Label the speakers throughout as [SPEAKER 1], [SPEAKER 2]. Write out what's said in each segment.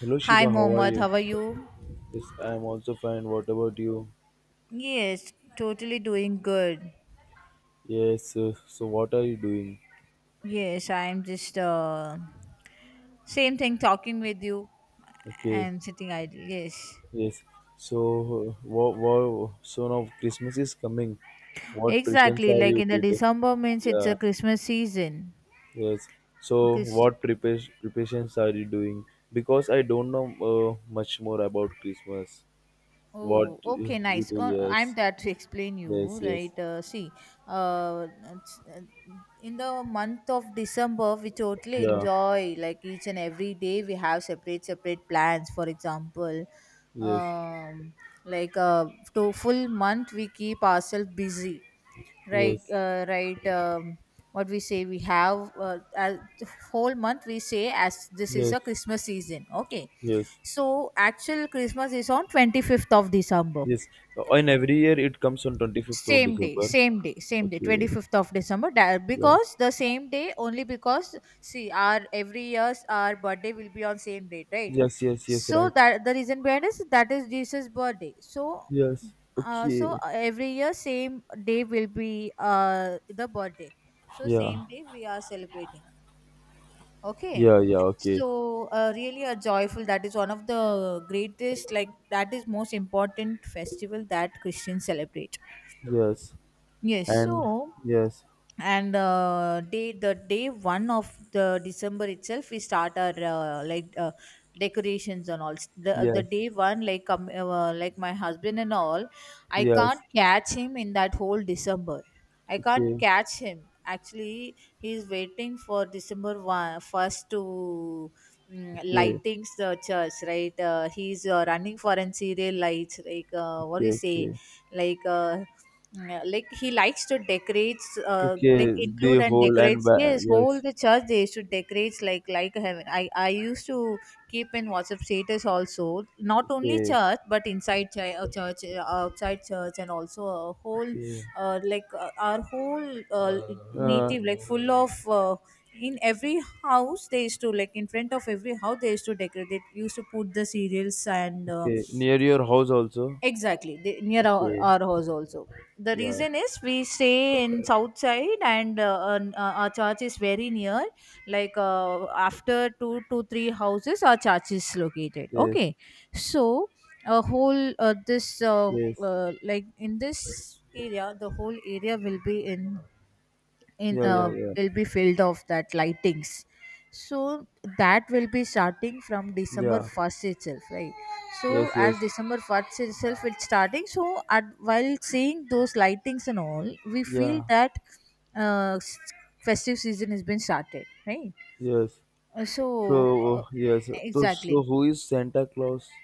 [SPEAKER 1] Hello
[SPEAKER 2] Hi,
[SPEAKER 1] Shiba, how are
[SPEAKER 2] Mohammed.
[SPEAKER 1] you?
[SPEAKER 2] How are you?
[SPEAKER 1] Yes, I am also fine. What about you?
[SPEAKER 2] Yes, totally doing good.
[SPEAKER 1] Yes. So what are you doing?
[SPEAKER 2] Yes, I'm just same thing talking with you
[SPEAKER 1] Okay.
[SPEAKER 2] and sitting idle. Yes,
[SPEAKER 1] Yes. So wow, wow. So now Christmas is coming. What preparations
[SPEAKER 2] exactly.
[SPEAKER 1] are
[SPEAKER 2] Like
[SPEAKER 1] you
[SPEAKER 2] in the
[SPEAKER 1] did?
[SPEAKER 2] December means it's a
[SPEAKER 1] Yeah.
[SPEAKER 2] Christmas season.
[SPEAKER 1] Yes. So
[SPEAKER 2] Chris-
[SPEAKER 1] what prepares preparations are you doing? Because I don't know much more about Christmas. What
[SPEAKER 2] Oh, okay,
[SPEAKER 1] you
[SPEAKER 2] nice.
[SPEAKER 1] do?
[SPEAKER 2] Oh, I'm
[SPEAKER 1] Yes.
[SPEAKER 2] there to explain
[SPEAKER 1] Yes.
[SPEAKER 2] you.
[SPEAKER 1] Yes.
[SPEAKER 2] Right, see, it's in the month of December, we totally
[SPEAKER 1] Yeah.
[SPEAKER 2] enjoy like each and every day. We have separate plans. For example,
[SPEAKER 1] Yes.
[SPEAKER 2] um, like to full month, we keep ourselves busy. Right,
[SPEAKER 1] Yes.
[SPEAKER 2] right. What we say, we have whole month. We say as this is
[SPEAKER 1] Yes.
[SPEAKER 2] a Christmas season. Okay,
[SPEAKER 1] Yes.
[SPEAKER 2] so actual Christmas is on 25th of December.
[SPEAKER 1] Yes, and every year it comes on 25th of
[SPEAKER 2] Same day,
[SPEAKER 1] December.
[SPEAKER 2] same day, same day,
[SPEAKER 1] Okay,
[SPEAKER 2] 25th of December. That,
[SPEAKER 1] yeah.
[SPEAKER 2] because the same day, only because see our every year's our birthday will be on same date, right?
[SPEAKER 1] Yes, yes, yes,
[SPEAKER 2] So
[SPEAKER 1] right.
[SPEAKER 2] that the reason behind is that is Jesus' birthday. So
[SPEAKER 1] Yes.
[SPEAKER 2] uh, so
[SPEAKER 1] Okay.
[SPEAKER 2] uh, every year same day will be the birthday. So
[SPEAKER 1] Yeah.
[SPEAKER 2] same day we are celebrating. Okay.
[SPEAKER 1] Yeah, yeah, okay.
[SPEAKER 2] So, really a joyful, that is one of the greatest, like, that is most important festival that Christians celebrate.
[SPEAKER 1] Yes.
[SPEAKER 2] Yes.
[SPEAKER 1] And
[SPEAKER 2] So,
[SPEAKER 1] yes.
[SPEAKER 2] and day the day one of the December itself we start our like decorations, and all the
[SPEAKER 1] Yes.
[SPEAKER 2] day one, like my husband and all, I can't
[SPEAKER 1] Yes.
[SPEAKER 2] catch him in that whole December. I can't
[SPEAKER 1] Okay.
[SPEAKER 2] catch him. Actually he's waiting for December one first to
[SPEAKER 1] Okay.
[SPEAKER 2] lightings the church, right? He's running for an serial lights, like what do
[SPEAKER 1] Okay.
[SPEAKER 2] you say,
[SPEAKER 1] Okay.
[SPEAKER 2] like yeah, like he likes to decorate,
[SPEAKER 1] Okay.
[SPEAKER 2] like include
[SPEAKER 1] The
[SPEAKER 2] and
[SPEAKER 1] whole and
[SPEAKER 2] decorates. Yes, whole
[SPEAKER 1] yes.
[SPEAKER 2] the church they used to decorate like heaven. I used to keep in WhatsApp status also. Not only
[SPEAKER 1] Okay.
[SPEAKER 2] church, but inside church, outside church, and also a whole,
[SPEAKER 1] Okay.
[SPEAKER 2] like our whole
[SPEAKER 1] Uh,
[SPEAKER 2] native, like full of. In every house they used to, like, in front of every house they used to decorate, they used to put the cereals and
[SPEAKER 1] okay. Near your house also.
[SPEAKER 2] exactly, near our,
[SPEAKER 1] Okay.
[SPEAKER 2] our house also. The
[SPEAKER 1] Yeah.
[SPEAKER 2] reason is we stay in south side, and our church is very near. Like after two to three houses, our church is located.
[SPEAKER 1] Yes.
[SPEAKER 2] Okay, so a whole this
[SPEAKER 1] Yes.
[SPEAKER 2] like in this area, the whole area will be in, in
[SPEAKER 1] Yeah. Yeah.
[SPEAKER 2] uh,
[SPEAKER 1] Yeah.
[SPEAKER 2] will be filled of that lightings, so that will be starting from December
[SPEAKER 1] Yeah.
[SPEAKER 2] 1st itself, right? So
[SPEAKER 1] Yes.
[SPEAKER 2] as
[SPEAKER 1] Yes.
[SPEAKER 2] December 1st itself it's starting, so at, while seeing those lightings and all we feel
[SPEAKER 1] Yeah.
[SPEAKER 2] that uh, s- festive season has been started, right?
[SPEAKER 1] Yes.
[SPEAKER 2] So uh,
[SPEAKER 1] So yes, so,
[SPEAKER 2] exactly.
[SPEAKER 1] so who is Santa Claus?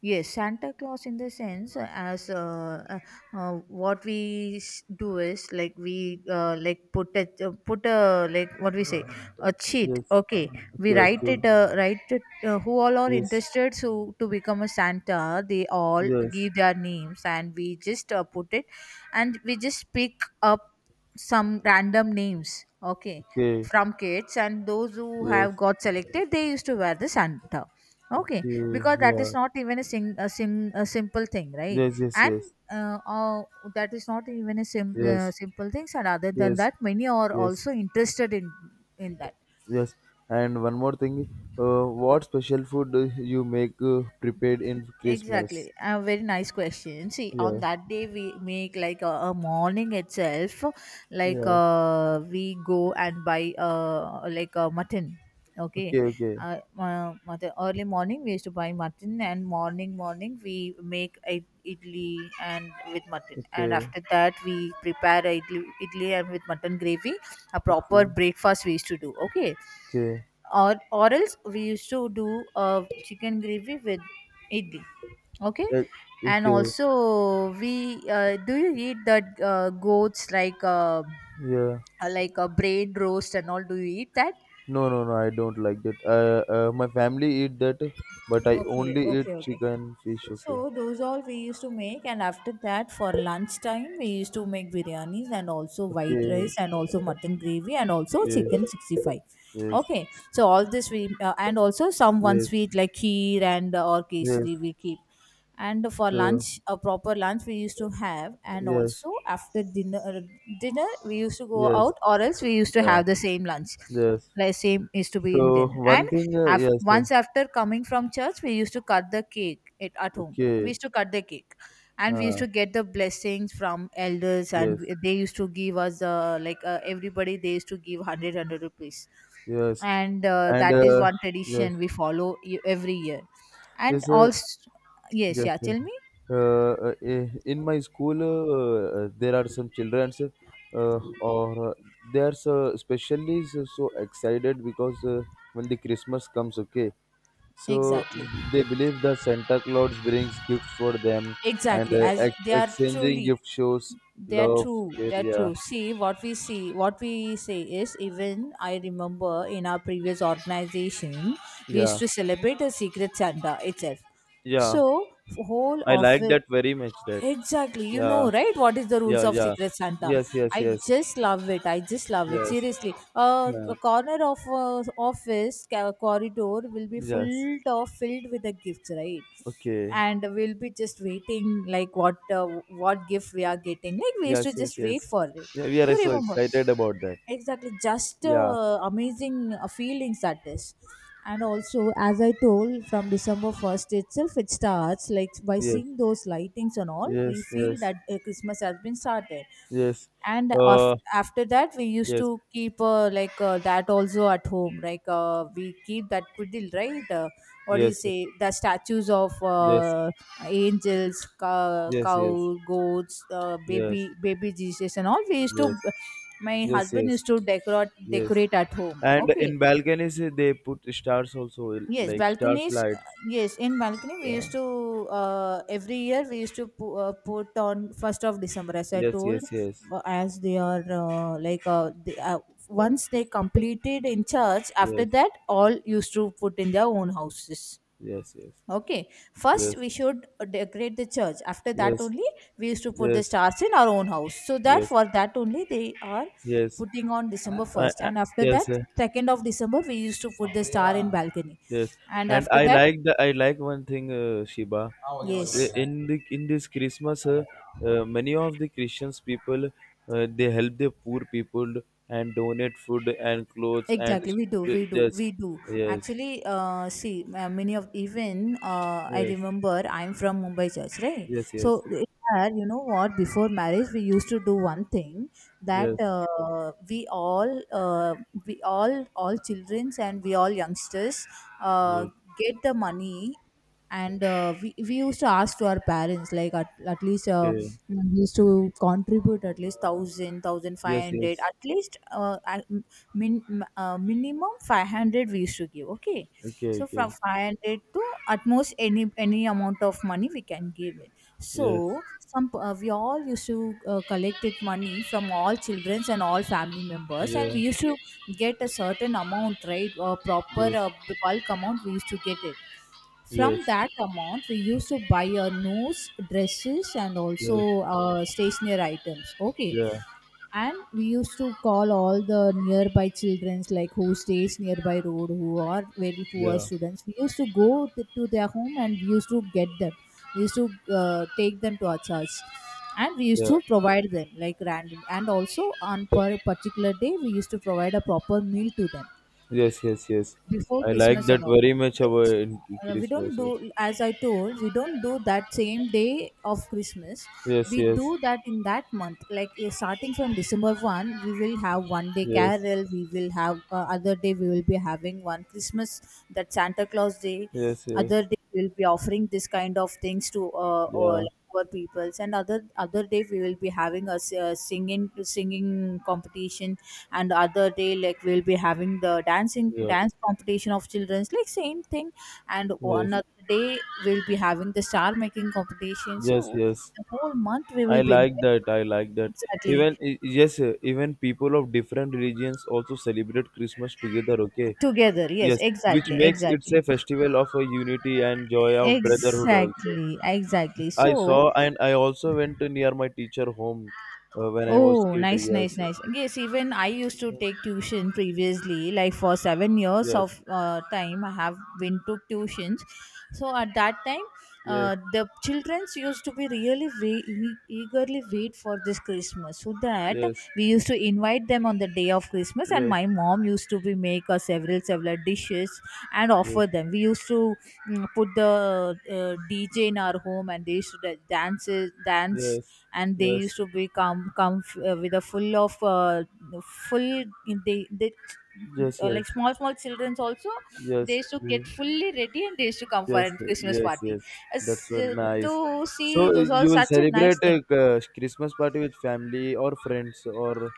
[SPEAKER 2] Yes, Santa Claus in the sense as what we do is, like we like put a like what we say, a cheat.
[SPEAKER 1] Yes.
[SPEAKER 2] Okay, we
[SPEAKER 1] Okay.
[SPEAKER 2] write
[SPEAKER 1] Okay.
[SPEAKER 2] it uh, write it uh, who all are
[SPEAKER 1] Yes.
[SPEAKER 2] interested so to become a Santa. They all
[SPEAKER 1] Yes.
[SPEAKER 2] give their names and we just put it, and we just pick up some random names, okay,
[SPEAKER 1] Okay.
[SPEAKER 2] from kids, and those who have
[SPEAKER 1] Yes.
[SPEAKER 2] got selected they used to wear the Santa, okay,
[SPEAKER 1] Okay.
[SPEAKER 2] because that
[SPEAKER 1] Yeah.
[SPEAKER 2] is not even a simple thing, right?
[SPEAKER 1] Yes. Yes.
[SPEAKER 2] and
[SPEAKER 1] Yes.
[SPEAKER 2] uh, uh, that is not even a
[SPEAKER 1] Yes.
[SPEAKER 2] simple things, and other than
[SPEAKER 1] Yes.
[SPEAKER 2] that many are
[SPEAKER 1] Yes.
[SPEAKER 2] also interested in that.
[SPEAKER 1] Yes. And one more thing. What special food do you make prepared in Christmas?
[SPEAKER 2] Exactly. A very nice question. See, on
[SPEAKER 1] Yeah.
[SPEAKER 2] that day we make like a morning itself, like
[SPEAKER 1] Yes.
[SPEAKER 2] we go and buy like a mutton. Okay,
[SPEAKER 1] Okay. Okay.
[SPEAKER 2] mutton. Early morning we used to buy mutton, and morning morning we make a idli and with mutton, and
[SPEAKER 1] Okay.
[SPEAKER 2] after that we prepare a idli and with mutton gravy. A proper
[SPEAKER 1] Okay.
[SPEAKER 2] breakfast we used to do. Okay,
[SPEAKER 1] Okay.
[SPEAKER 2] or else we used to do a chicken gravy with idli, okay,
[SPEAKER 1] Yeah.
[SPEAKER 2] and
[SPEAKER 1] Okay.
[SPEAKER 2] also we do you eat that goats,
[SPEAKER 1] Yeah.
[SPEAKER 2] like a brain roast and all, do you eat that?
[SPEAKER 1] No, no, no, I don't like that. My family eat that, but I
[SPEAKER 2] Okay,
[SPEAKER 1] only
[SPEAKER 2] okay,
[SPEAKER 1] eat
[SPEAKER 2] okay.
[SPEAKER 1] chicken, fish. Okay,
[SPEAKER 2] So those all we used to make, and after that, for lunchtime, we used to make biryanis and also white rice
[SPEAKER 1] okay,
[SPEAKER 2] and also mutton gravy and also
[SPEAKER 1] yes,
[SPEAKER 2] chicken 65.
[SPEAKER 1] yes,
[SPEAKER 2] Okay, so all this we and also some one
[SPEAKER 1] yes,
[SPEAKER 2] sweet like kheer and or
[SPEAKER 1] yes.
[SPEAKER 2] kesari we keep, and for
[SPEAKER 1] So
[SPEAKER 2] lunch a proper lunch we used to have, and
[SPEAKER 1] yes,
[SPEAKER 2] also after dinner we used to go
[SPEAKER 1] yes,
[SPEAKER 2] out or else we used to
[SPEAKER 1] yeah,
[SPEAKER 2] have the same lunch,
[SPEAKER 1] yes.
[SPEAKER 2] like same used to be in
[SPEAKER 1] So
[SPEAKER 2] dinner. And
[SPEAKER 1] one thing, yes,
[SPEAKER 2] once after coming from church we used to cut the cake, at home we
[SPEAKER 1] okay,
[SPEAKER 2] used to cut the cake, and we used
[SPEAKER 1] uh,
[SPEAKER 2] to get the blessings from elders, and
[SPEAKER 1] yes,
[SPEAKER 2] they used to give us like everybody they used to give 100 rupees,
[SPEAKER 1] yes,
[SPEAKER 2] and
[SPEAKER 1] and
[SPEAKER 2] that is one
[SPEAKER 1] yes,
[SPEAKER 2] tradition we follow every year, and
[SPEAKER 1] yes.
[SPEAKER 2] also. Yes,
[SPEAKER 1] Yes,
[SPEAKER 2] yeah,
[SPEAKER 1] yes.
[SPEAKER 2] tell me.
[SPEAKER 1] Uh, in my school, there are some children, or they are so especially so excited because when the Christmas comes, okay, so
[SPEAKER 2] Exactly.
[SPEAKER 1] they believe that Santa Claus brings gifts for them, and
[SPEAKER 2] Exactly. As
[SPEAKER 1] ex
[SPEAKER 2] they are
[SPEAKER 1] exchanging
[SPEAKER 2] truly,
[SPEAKER 1] gift shows
[SPEAKER 2] they are
[SPEAKER 1] love,
[SPEAKER 2] true.
[SPEAKER 1] care.
[SPEAKER 2] They are
[SPEAKER 1] Yeah,
[SPEAKER 2] true. See, what we say is, even I remember in our previous organization, we used
[SPEAKER 1] yeah,
[SPEAKER 2] to celebrate a secret Santa itself.
[SPEAKER 1] yeah.
[SPEAKER 2] So, whole
[SPEAKER 1] I
[SPEAKER 2] of.
[SPEAKER 1] like that very much. That.
[SPEAKER 2] Exactly. You know,
[SPEAKER 1] Yeah,
[SPEAKER 2] right? What is the rules
[SPEAKER 1] yeah,
[SPEAKER 2] of
[SPEAKER 1] yeah.
[SPEAKER 2] Secret Santa?
[SPEAKER 1] Yes, yes,
[SPEAKER 2] I
[SPEAKER 1] yes,
[SPEAKER 2] just love it. I just love it.
[SPEAKER 1] yes.
[SPEAKER 2] Seriously. Uh,
[SPEAKER 1] Yeah.
[SPEAKER 2] a corner of office corridor will be
[SPEAKER 1] Yes.
[SPEAKER 2] full of filled with the gifts, right?
[SPEAKER 1] Okay.
[SPEAKER 2] And we'll be just waiting, like what gift we are getting. Like we used to
[SPEAKER 1] Yes, yes,
[SPEAKER 2] just wait
[SPEAKER 1] yes.
[SPEAKER 2] for it.
[SPEAKER 1] Yeah, we
[SPEAKER 2] Do
[SPEAKER 1] are
[SPEAKER 2] you
[SPEAKER 1] so
[SPEAKER 2] remember?
[SPEAKER 1] excited about that.
[SPEAKER 2] Exactly, just
[SPEAKER 1] Yeah,
[SPEAKER 2] amazing feelings that is, and also as I told, from December 1st itself it starts, like by
[SPEAKER 1] yes,
[SPEAKER 2] seeing those lightings and all we
[SPEAKER 1] yes,
[SPEAKER 2] feel
[SPEAKER 1] yes,
[SPEAKER 2] that Christmas has been started.
[SPEAKER 1] yes.
[SPEAKER 2] And
[SPEAKER 1] Uh,
[SPEAKER 2] after that we used to
[SPEAKER 1] yes,
[SPEAKER 2] keep like that also at home, like we keep that kudil, right? What do you
[SPEAKER 1] yes,
[SPEAKER 2] say, the statues of
[SPEAKER 1] yes,
[SPEAKER 2] angels, cow,
[SPEAKER 1] yes, yes,
[SPEAKER 2] cow
[SPEAKER 1] yes,
[SPEAKER 2] goats, baby
[SPEAKER 1] yes,
[SPEAKER 2] baby Jesus and all we used to, my
[SPEAKER 1] yes,
[SPEAKER 2] husband used
[SPEAKER 1] yes,
[SPEAKER 2] to decorate
[SPEAKER 1] yes.
[SPEAKER 2] decorate at home,
[SPEAKER 1] And
[SPEAKER 2] okay.
[SPEAKER 1] in balconies, they put stars also,
[SPEAKER 2] Yes,
[SPEAKER 1] like stars
[SPEAKER 2] balconies.
[SPEAKER 1] lights.
[SPEAKER 2] Yes, in balcony we
[SPEAKER 1] Yeah.
[SPEAKER 2] used to, every year we used to put on 1st of December, as I
[SPEAKER 1] Yes,
[SPEAKER 2] told,
[SPEAKER 1] yes, yes,
[SPEAKER 2] as they are like they, once they completed in church. After
[SPEAKER 1] yes,
[SPEAKER 2] that, all used to put in their own houses.
[SPEAKER 1] yes,
[SPEAKER 2] Okay, first
[SPEAKER 1] yes,
[SPEAKER 2] we should decorate the church. After that
[SPEAKER 1] yes,
[SPEAKER 2] only we used to put the
[SPEAKER 1] yes,
[SPEAKER 2] stars in our own house. So that
[SPEAKER 1] yes,
[SPEAKER 2] for
[SPEAKER 1] yes,
[SPEAKER 2] that only they are
[SPEAKER 1] yes.
[SPEAKER 2] putting on December
[SPEAKER 1] I,
[SPEAKER 2] first,
[SPEAKER 1] I,
[SPEAKER 2] and after that
[SPEAKER 1] yes.
[SPEAKER 2] 2nd of December we used to put the star in balcony,
[SPEAKER 1] Yes,
[SPEAKER 2] and
[SPEAKER 1] and
[SPEAKER 2] after
[SPEAKER 1] I
[SPEAKER 2] that,
[SPEAKER 1] like one thing, Shiba. S-
[SPEAKER 2] yes.
[SPEAKER 1] In the in this Christmas, many of the Christians people they help the poor people and donate food and clothes and
[SPEAKER 2] Exactly, we do, we do,
[SPEAKER 1] yes,
[SPEAKER 2] we do.
[SPEAKER 1] yes,
[SPEAKER 2] Actually, see, many of even I
[SPEAKER 1] yes,
[SPEAKER 2] remember I'm from Mumbai church, right?
[SPEAKER 1] yes, yes,
[SPEAKER 2] So there, you know what? Before marriage, we used to do one thing that
[SPEAKER 1] yes,
[SPEAKER 2] all childrens, and we all youngsters uh,
[SPEAKER 1] yes,
[SPEAKER 2] get the money, and we used to ask to our parents, like at least,
[SPEAKER 1] okay,
[SPEAKER 2] we used to contribute at least
[SPEAKER 1] yes,
[SPEAKER 2] 1500,
[SPEAKER 1] yes,
[SPEAKER 2] at least minimum 500 we used to give, okay,
[SPEAKER 1] okay,
[SPEAKER 2] so from
[SPEAKER 1] okay,
[SPEAKER 2] 500 to at most any amount of money we can give it, so
[SPEAKER 1] yes,
[SPEAKER 2] we all used to collected money from all children and all family members, and
[SPEAKER 1] yeah,
[SPEAKER 2] we used to get a certain amount, right? Or proper
[SPEAKER 1] yes,
[SPEAKER 2] bulk amount we used to get it, from
[SPEAKER 1] yes,
[SPEAKER 2] that amount we used to buy our nose dresses and also
[SPEAKER 1] yes,
[SPEAKER 2] stationery items, okay.
[SPEAKER 1] yeah,
[SPEAKER 2] And we used to call all the nearby childrens, like who stays nearby road, who are very poor
[SPEAKER 1] yeah,
[SPEAKER 2] students, we used to go to their home and we used to get them, we used to take them to our church, and we used
[SPEAKER 1] yeah,
[SPEAKER 2] to provide them like random, and also on per particular day we used to provide a proper meal to them
[SPEAKER 1] yes, yes, yes.
[SPEAKER 2] before
[SPEAKER 1] I like
[SPEAKER 2] Christmas
[SPEAKER 1] that
[SPEAKER 2] and all.
[SPEAKER 1] very much about
[SPEAKER 2] Yes.
[SPEAKER 1] in
[SPEAKER 2] We don't
[SPEAKER 1] Christmas. Yes.
[SPEAKER 2] do, as I told, we don't do that same day of Christmas.
[SPEAKER 1] Yes,
[SPEAKER 2] We
[SPEAKER 1] yes,
[SPEAKER 2] do that in that month. Like starting from December 1, we will have one day
[SPEAKER 1] yes,
[SPEAKER 2] carol. We will have other day, we will be having one Christmas, that Santa Claus day.
[SPEAKER 1] yes,
[SPEAKER 2] Other
[SPEAKER 1] yes,
[SPEAKER 2] day, we will be offering this kind of things to all
[SPEAKER 1] yeah,
[SPEAKER 2] our peoples. And other day, we will be having a singing competition, and other day like we'll be having the dancing
[SPEAKER 1] yeah,
[SPEAKER 2] dance competition of children's, like same thing, and
[SPEAKER 1] yes,
[SPEAKER 2] another day we'll be having the star making competition, so
[SPEAKER 1] yes, yes.
[SPEAKER 2] the whole month we
[SPEAKER 1] I
[SPEAKER 2] will be
[SPEAKER 1] like
[SPEAKER 2] enjoying.
[SPEAKER 1] that. I like that.
[SPEAKER 2] Exactly,
[SPEAKER 1] Yes, even people of different religions also celebrate Christmas together. Okay,
[SPEAKER 2] together, yes,
[SPEAKER 1] yes, which
[SPEAKER 2] exactly,
[SPEAKER 1] makes it's a
[SPEAKER 2] exactly,
[SPEAKER 1] festival of a unity and joy of brotherhood. Also,
[SPEAKER 2] exactly, exactly,
[SPEAKER 1] I saw
[SPEAKER 2] so.
[SPEAKER 1] and I also went to near my teacher home when I was
[SPEAKER 2] Oh,
[SPEAKER 1] kid.
[SPEAKER 2] nice, nice,
[SPEAKER 1] Yes,
[SPEAKER 2] nice. Yes, even I used to take tuition previously. Like for 7 years
[SPEAKER 1] yes,
[SPEAKER 2] of time, I have been to tuitions. So at that time,
[SPEAKER 1] yes,
[SPEAKER 2] the childrens used to be eagerly wait for this Christmas. So that
[SPEAKER 1] yes,
[SPEAKER 2] we used to invite them on the day of Christmas, and
[SPEAKER 1] yes,
[SPEAKER 2] my mom used to be make us several several dishes and
[SPEAKER 1] yes,
[SPEAKER 2] offer
[SPEAKER 1] yes,
[SPEAKER 2] them. We used to put the DJ in our home, and they used to dance
[SPEAKER 1] yes,
[SPEAKER 2] and they
[SPEAKER 1] yes,
[SPEAKER 2] used to be come with a full of full they
[SPEAKER 1] yes.
[SPEAKER 2] like
[SPEAKER 1] Yes.
[SPEAKER 2] small small childrens also they
[SPEAKER 1] Yes,
[SPEAKER 2] used to get fully ready and they used to come for
[SPEAKER 1] yes,
[SPEAKER 2] a
[SPEAKER 1] yes,
[SPEAKER 2] Christmas
[SPEAKER 1] yes,
[SPEAKER 2] party.
[SPEAKER 1] yes.
[SPEAKER 2] As,
[SPEAKER 1] That's what
[SPEAKER 2] uh,
[SPEAKER 1] nice.
[SPEAKER 2] to
[SPEAKER 1] So
[SPEAKER 2] see those all
[SPEAKER 1] you will
[SPEAKER 2] such a nice
[SPEAKER 1] celebrate a
[SPEAKER 2] thing.
[SPEAKER 1] Christmas party with family or friends or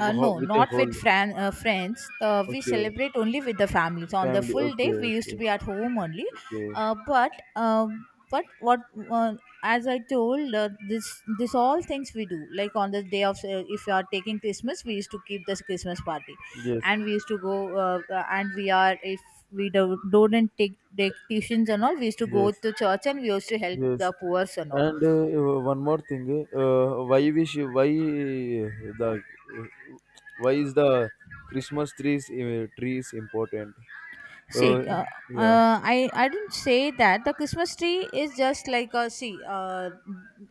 [SPEAKER 2] No,
[SPEAKER 1] with a
[SPEAKER 2] not
[SPEAKER 1] whole
[SPEAKER 2] with friends. We
[SPEAKER 1] okay
[SPEAKER 2] celebrate only with the families. On the
[SPEAKER 1] family.
[SPEAKER 2] full day, we
[SPEAKER 1] Okay,
[SPEAKER 2] used to
[SPEAKER 1] okay,
[SPEAKER 2] be at home only.
[SPEAKER 1] okay.
[SPEAKER 2] Uh, but but what uh, as I told, this all things we do. Like on the day of, if you are taking Christmas, we used to keep this Christmas party,
[SPEAKER 1] Yes,
[SPEAKER 2] and we used to go. And we are if we do, don't take tuitions and all, we used to go
[SPEAKER 1] yes,
[SPEAKER 2] to church and we used to help
[SPEAKER 1] yes.
[SPEAKER 2] the poor and all.
[SPEAKER 1] And one more thing. Why wish? Uh, the? Why is the Christmas trees trees important?
[SPEAKER 2] See,
[SPEAKER 1] Uh, yeah.
[SPEAKER 2] I didn't say that the Christmas tree is just like a see, uh,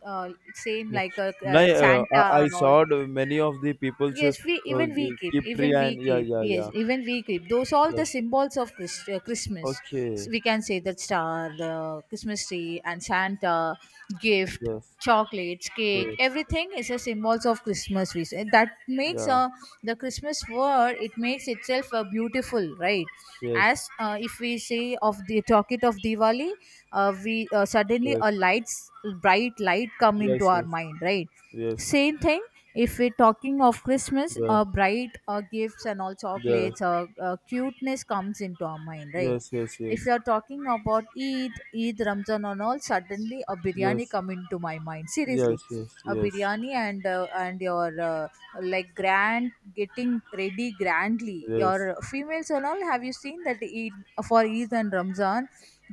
[SPEAKER 2] uh, same like a
[SPEAKER 1] Nay,
[SPEAKER 2] Santa
[SPEAKER 1] I
[SPEAKER 2] and all.
[SPEAKER 1] saw the many of the people's
[SPEAKER 2] Yes, we
[SPEAKER 1] uh,
[SPEAKER 2] even we keep,
[SPEAKER 1] keep tree
[SPEAKER 2] even we
[SPEAKER 1] and yeah,
[SPEAKER 2] keep.
[SPEAKER 1] yeah,
[SPEAKER 2] Yes,
[SPEAKER 1] yeah,
[SPEAKER 2] even we keep. Those all
[SPEAKER 1] yeah.
[SPEAKER 2] the symbols of Christ, Christmas.
[SPEAKER 1] Okay,
[SPEAKER 2] We can say the star, the Christmas tree, and Santa, gift,
[SPEAKER 1] yes,
[SPEAKER 2] chocolates, cake.
[SPEAKER 1] okay,
[SPEAKER 2] Everything is a symbols of Christmas. We say. That makes
[SPEAKER 1] yeah,
[SPEAKER 2] the Christmas word. It makes itself beautiful, right?
[SPEAKER 1] yes,
[SPEAKER 2] As if we say of the talk it of Diwali, we suddenly
[SPEAKER 1] yes,
[SPEAKER 2] a lights bright light come into
[SPEAKER 1] yes,
[SPEAKER 2] our
[SPEAKER 1] yes,
[SPEAKER 2] mind, right?
[SPEAKER 1] yes,
[SPEAKER 2] Same thing if we're talking of Christmas,
[SPEAKER 1] yeah,
[SPEAKER 2] bright gifts and all
[SPEAKER 1] yes,
[SPEAKER 2] chocolates, cuteness comes into our mind, right?
[SPEAKER 1] yes,
[SPEAKER 2] If
[SPEAKER 1] yes,
[SPEAKER 2] you're talking about Eid, Eid, Ramzan, and all, suddenly a biryani
[SPEAKER 1] yes,
[SPEAKER 2] come into my mind. Seriously,
[SPEAKER 1] yes, yes, yes,
[SPEAKER 2] a
[SPEAKER 1] yes,
[SPEAKER 2] biryani and your like grand getting ready grandly.
[SPEAKER 1] yes,
[SPEAKER 2] Your females and all, have you seen that Eid for Eid and Ramzan,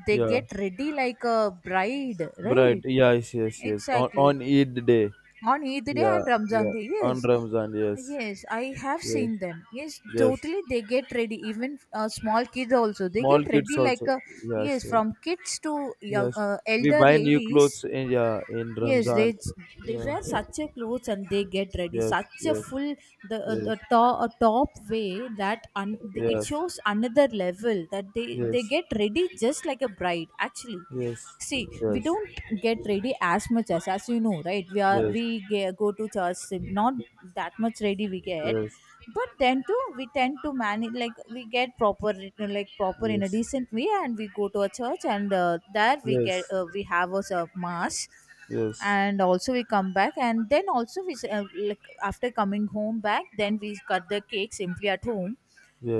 [SPEAKER 2] they
[SPEAKER 1] yeah,
[SPEAKER 2] get ready like a bride,
[SPEAKER 1] bright,
[SPEAKER 2] right?
[SPEAKER 1] yes, yes, yes. On
[SPEAKER 2] Exactly
[SPEAKER 1] on Eid day,
[SPEAKER 2] on Eid Day
[SPEAKER 1] yeah,
[SPEAKER 2] and Ramzan
[SPEAKER 1] yeah.
[SPEAKER 2] Day.
[SPEAKER 1] On
[SPEAKER 2] Yes,
[SPEAKER 1] Ramzan, yes,
[SPEAKER 2] yes, I have
[SPEAKER 1] yes,
[SPEAKER 2] seen them. Yes,
[SPEAKER 1] yes.
[SPEAKER 2] totally they get ready. Even small kids also they get
[SPEAKER 1] Small kids
[SPEAKER 2] ready like
[SPEAKER 1] also,
[SPEAKER 2] a
[SPEAKER 1] yes,
[SPEAKER 2] yes
[SPEAKER 1] yes.
[SPEAKER 2] from kids to young
[SPEAKER 1] Yes, we
[SPEAKER 2] elder
[SPEAKER 1] buy new
[SPEAKER 2] ladies.
[SPEAKER 1] clothes in, yeah, in
[SPEAKER 2] Yes,
[SPEAKER 1] Ramzan.
[SPEAKER 2] they
[SPEAKER 1] Yeah.
[SPEAKER 2] wear such a clothes and they get ready
[SPEAKER 1] Yes.
[SPEAKER 2] such a
[SPEAKER 1] Yes.
[SPEAKER 2] full the
[SPEAKER 1] Yes.
[SPEAKER 2] top, a top way that it
[SPEAKER 1] Yes.
[SPEAKER 2] shows another level that they
[SPEAKER 1] Yes.
[SPEAKER 2] get ready just like a bride actually.
[SPEAKER 1] Yes.
[SPEAKER 2] See, we don't get ready as much as you know right we are
[SPEAKER 1] Yes.
[SPEAKER 2] go to church, not that much ready we
[SPEAKER 1] Yes.
[SPEAKER 2] get,
[SPEAKER 1] Yes.
[SPEAKER 2] but then too we tend to manage like we get proper, like proper in a
[SPEAKER 1] Yes.
[SPEAKER 2] decent way, and we go to a church, and there we get
[SPEAKER 1] Yes.
[SPEAKER 2] we have us a mass,
[SPEAKER 1] Yes.
[SPEAKER 2] and also we come back and then also like after coming home back then we cut the cake simply at home